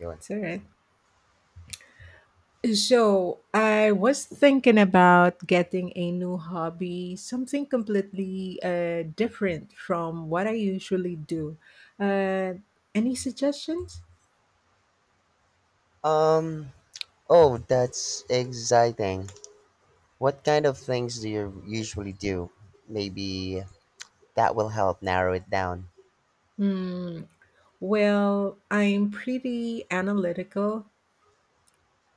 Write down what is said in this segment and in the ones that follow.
Yun. It's all right. So, I was thinking about getting a new hobby, something completely different from what I usually do. Uh, any suggestions? Um. Oh, that's exciting. What kind of things do you usually do? Maybe that will help narrow it down. Hmm. Well, I'm pretty analytical.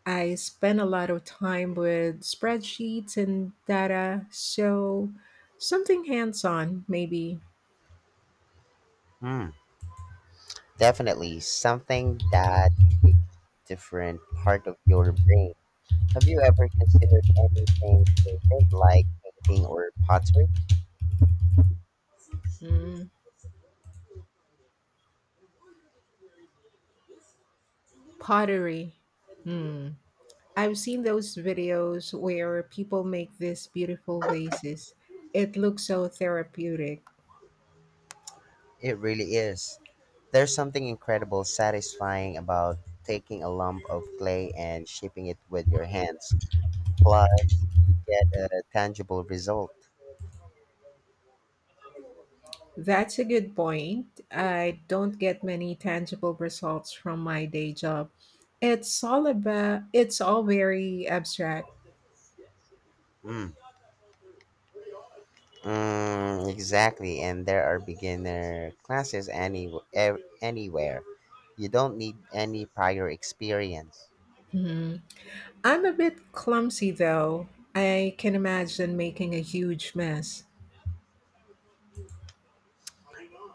I spend a lot of time with spreadsheets and data, so something hands on, maybe. Hmm. Definitely something that engages different part of your brain. Have you ever considered anything creative like painting or pottery? Hmm. Pottery. Hmm. I've seen those videos where people make these beautiful vases. It looks so therapeutic. It really is. There's something incredible satisfying about taking a lump of clay and shaping it with your hands. Plus, you get a tangible result. That's a good point. I don't get many tangible results from my day job. It's all very abstract. Mm. Mm, exactly, and there are beginner classes anywhere. You don't need any prior experience. Mhm. I'm a bit clumsy though. I can imagine making a huge mess.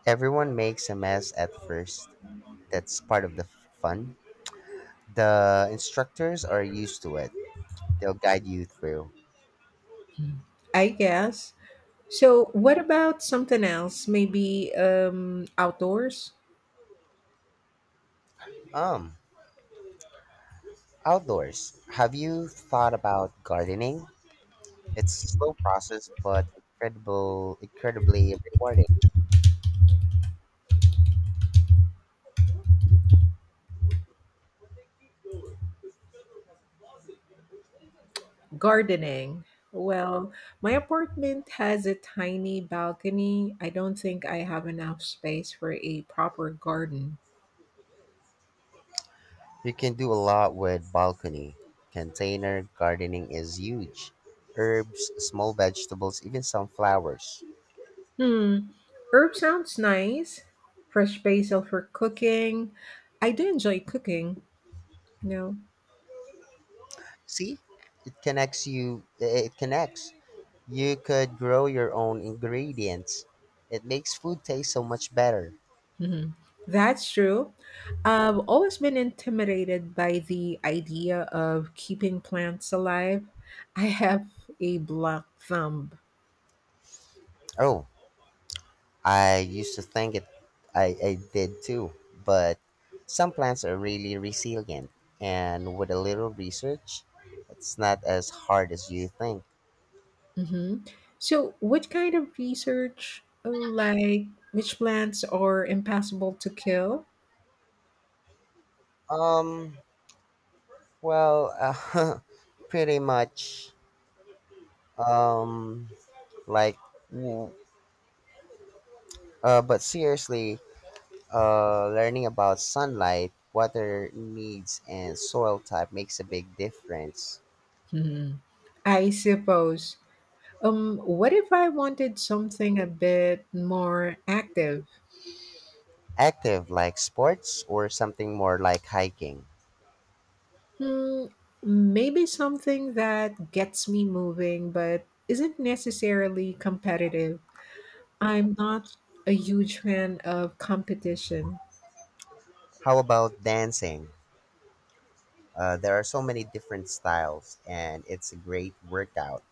Everyone makes a mess at first. That's part of the fun. The instructors are used to it. They'll guide you through. Mhm. I guess. So, what about something else? Maybe outdoors? Um, Outdoors. Have you thought about gardening? It's a slow process, but incredibly rewarding. Gardening. Well, my apartment has a tiny balcony. I don't think I have enough space for a proper garden. You can do a lot with balcony. Container gardening is huge. Herbs, small vegetables, even some flowers. Hmm. Herb sounds nice. Fresh basil for cooking. I do enjoy cooking. No. See? It connects you, it connects. You could grow your own ingredients. It makes food taste so much better. Mhm. That's true. I've always been intimidated by the idea of keeping plants alive. I have a black thumb. Oh, I used to think it I did too, but some plants are really resilient, and with a little research, it's not as hard as you think. Hmm. So, what kind of research, like which plants are impossible to kill? Um Well, pretty much. Um, like, w- but seriously, learning about sunlight, water needs, and soil type makes a big difference. Hmm, I suppose. What if I wanted something a bit more active? Active, like sports, or something more like hiking. Hmm, maybe something that gets me moving but isn't necessarily competitive. I'm not a huge fan of competition. How about dancing? There are so many different styles, and it's a great workout.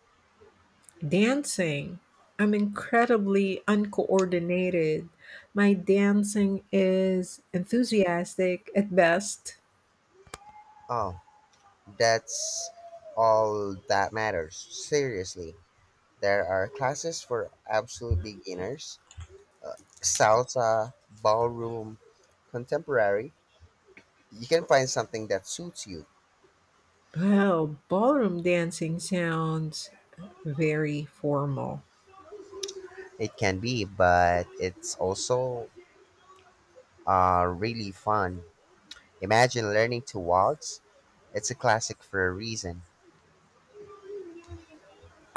Dancing. I'm incredibly uncoordinated. My dancing is enthusiastic at best. Oh, that's all that matters. Seriously. There are classes for absolute beginners, salsa, ballroom, contemporary. You can find something that suits you. Well, ballroom dancing sounds very formal. It can be, but it's also really fun. Imagine learning to waltz. It's a classic for a reason.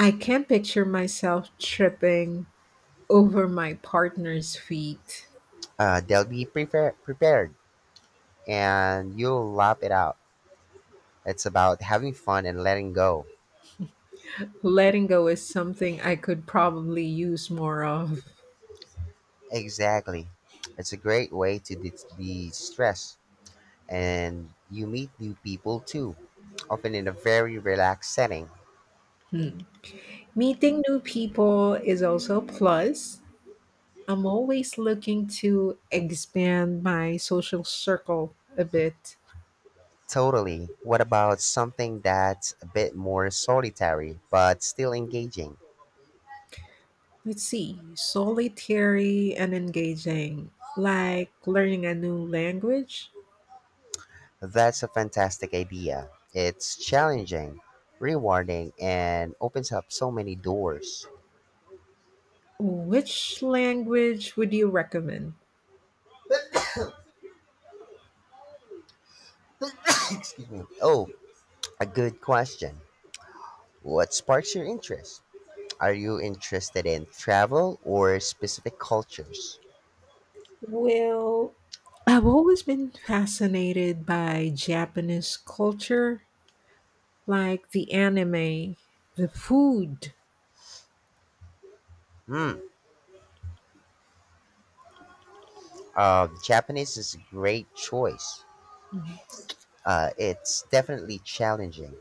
I can't picture myself tripping over my partner's feet. They'll be prepared, and you'll lap it out. It's about having fun and letting go. Letting go is something I could probably use more of. Exactly. It's a great way to de stress. And you meet new people too, often in a very relaxed setting. Hmm. Meeting new people is also a plus. I'm always looking to expand my social circle a bit. Totally. What about something that's a bit more solitary but still engaging? Let's see, solitary and engaging, like learning a new language. That's a fantastic idea. It's challenging, rewarding, and opens up so many doors. Which language would you recommend? Excuse me. Oh, a good question. What sparks your interest? Are you interested in travel or specific cultures? Well, I've always been fascinated by Japanese culture, like the anime, the food. Hmm, Japanese is a great choice. Mhm, It's definitely challenging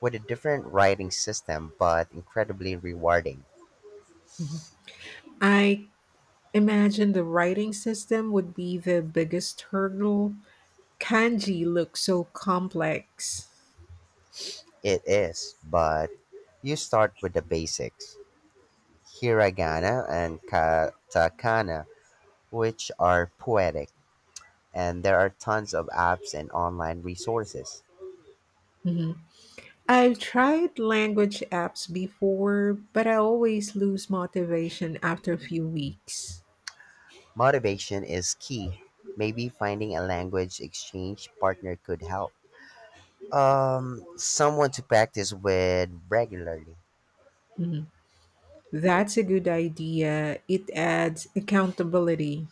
with a different writing system, but incredibly rewarding. mhm. I imagine the writing system would be the biggest hurdle. Kanji looks so complex. It is, but you start with the basics, hiragana and katakana, which are poetic, and there are tons of apps and online resources. Mhm. I've tried language apps before, but I always lose motivation after a few weeks. Motivation is key. Maybe finding a language exchange partner could help. Someone to practice with regularly, Mhm. That's a good idea. It adds accountability.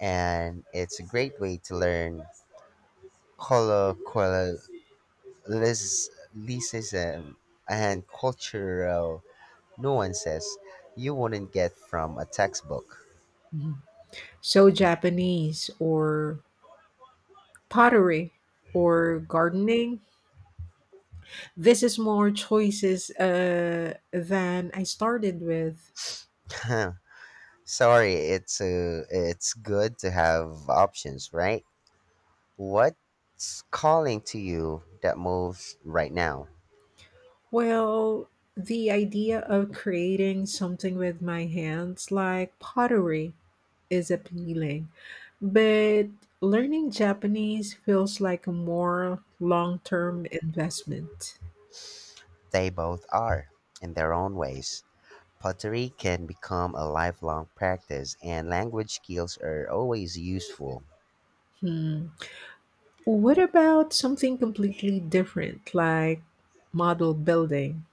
and it's a great way to learn colloquialism and cultural nuances you wouldn't get from a textbook. So, Japanese or pottery or gardening, this is more choices than I started with. Sorry, it's good to have options, right? What's calling to you that moves right now? Well, the idea of creating something with my hands, like pottery, is appealing, but learning Japanese feels like a more long term investment. They both are, in their own ways. Pottery can become a lifelong practice, and language skills are always useful. What about something completely different, like model building?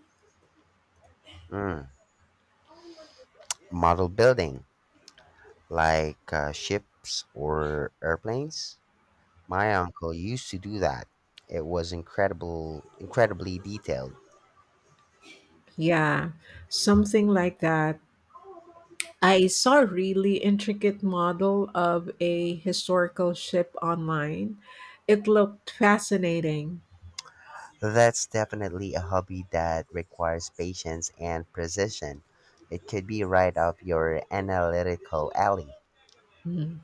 Mm. Model building, like ships or airplanes. My uncle used to do that. It was incredibly detailed. Yeah, something like that. I saw a really intricate model of a historical ship online. It looked fascinating. That's definitely a hobby that requires patience and precision. It could be right up your analytical alley. Mhm.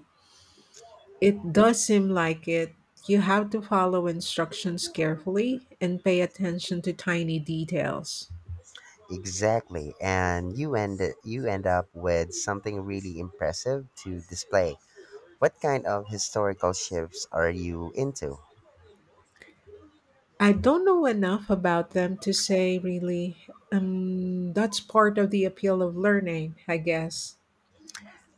It does seem like it. You have to follow instructions carefully and pay attention to tiny details. Exactly, and you end up with something really impressive to display. What kind of historical shifts are you into? I don't know enough about them to say really. That's part of the appeal of learning, I guess.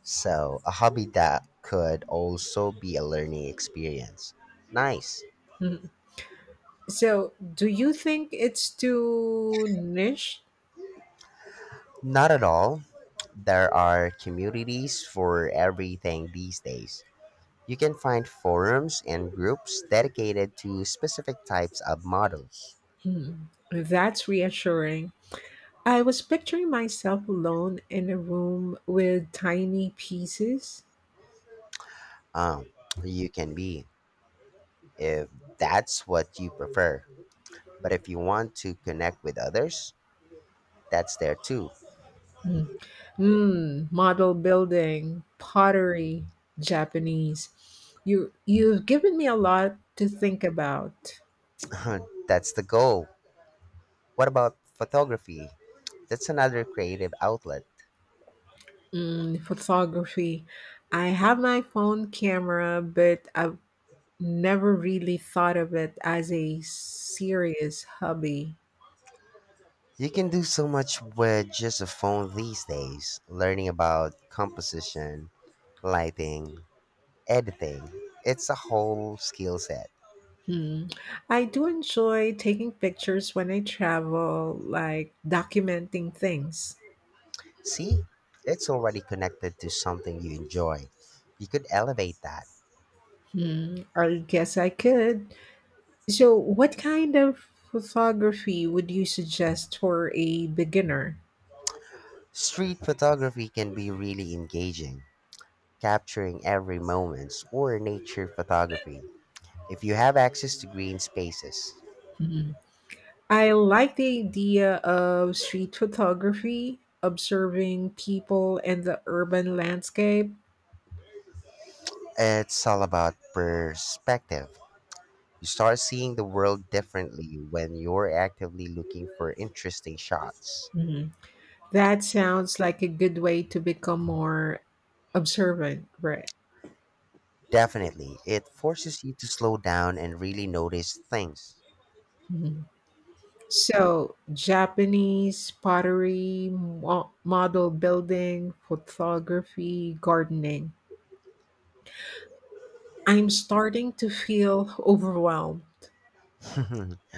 So, a hobby that could also be a learning experience. Nice. Mhm. So, do you think it's too niche? Not at all. There are communities for everything these days. You can find forums and groups dedicated to specific types of models. Hmm. That's reassuring. I was picturing myself alone in a room with tiny pieces. Um, you can be, if that's what you prefer. But if you want to connect with others, that's there too. Mm. Mm, model building, pottery, Japanese. You've given me a lot to think about. That's the goal. What about photography? That's another creative outlet. Mm, photography. I have my phone camera, but I've never really thought of it as a serious hobby. You can do so much with just a phone these days. Learning about composition, lighting, editing. It's a whole skill set. Hmm. I do enjoy taking pictures when I travel, like documenting things. See? It's already connected to something you enjoy. You could elevate that. Hmm. I guess I could. So, what kind of photography would you suggest for a beginner? Street photography can be really engaging, capturing every moment, or nature photography. If you have access to green spaces, Mhm. I like the idea of street photography, observing people and the urban landscape. it's all about perspective. You start seeing the world differently when you're actively looking for interesting shots. Mhm. That sounds like a good way to become more observant, right? Definitely, it forces you to slow down and really notice things. Mhm. So, Japanese pottery, model building, photography, gardening. I'm starting to feel overwhelmed.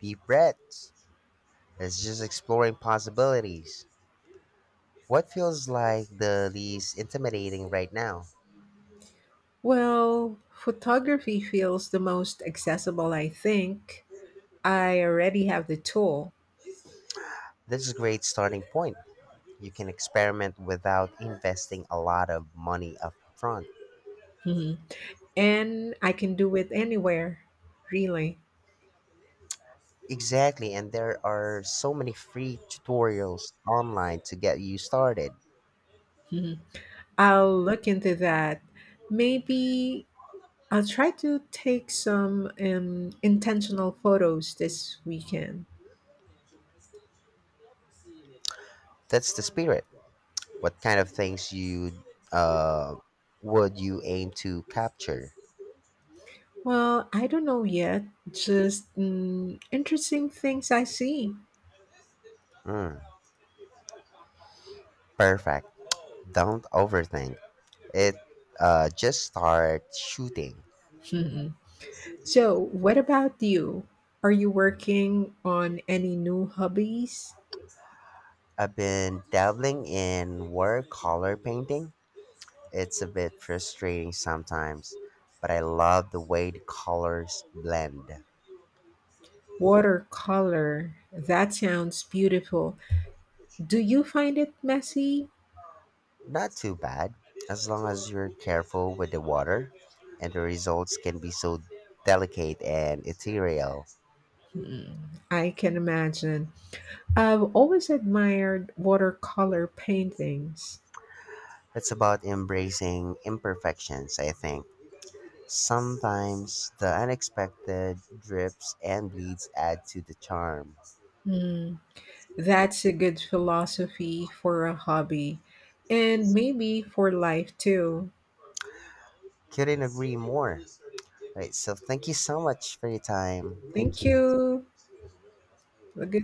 Deep breaths. It's just exploring possibilities. What feels like the least intimidating right now? Well, photography feels the most accessible, I think. I already have the tool. This is a great starting point. You can experiment without investing a lot of money up front. Mhm. And I can do it anywhere, really. Exactly, and there are so many free tutorials online to get you started. Mhm. I'll look into that. Maybe I'll try to take some intentional photos this weekend. That's the spirit. What kind of things you uh, would you aim to capture? Well, I don't know yet, just interesting things I see. Mm, perfect. Don't overthink it. Just start shooting. So, what about you? Are you working on any new hobbies? I've been dabbling in watercolor painting. It's a bit frustrating sometimes, but I love the way the colors blend. Watercolor. That sounds beautiful. Do you find it messy? Not too bad, as long as you're careful with the water, and the results can be so delicate and ethereal. Hmm, I can imagine. I've always admired watercolor paintings. It's about embracing imperfections, I think. Sometimes the unexpected drips and bleeds add to the charm. Hmm, that's a good philosophy for a hobby and maybe for life too. Couldn't agree more. Right, so thank you so much for your time. Thank Thank you. you. Have a good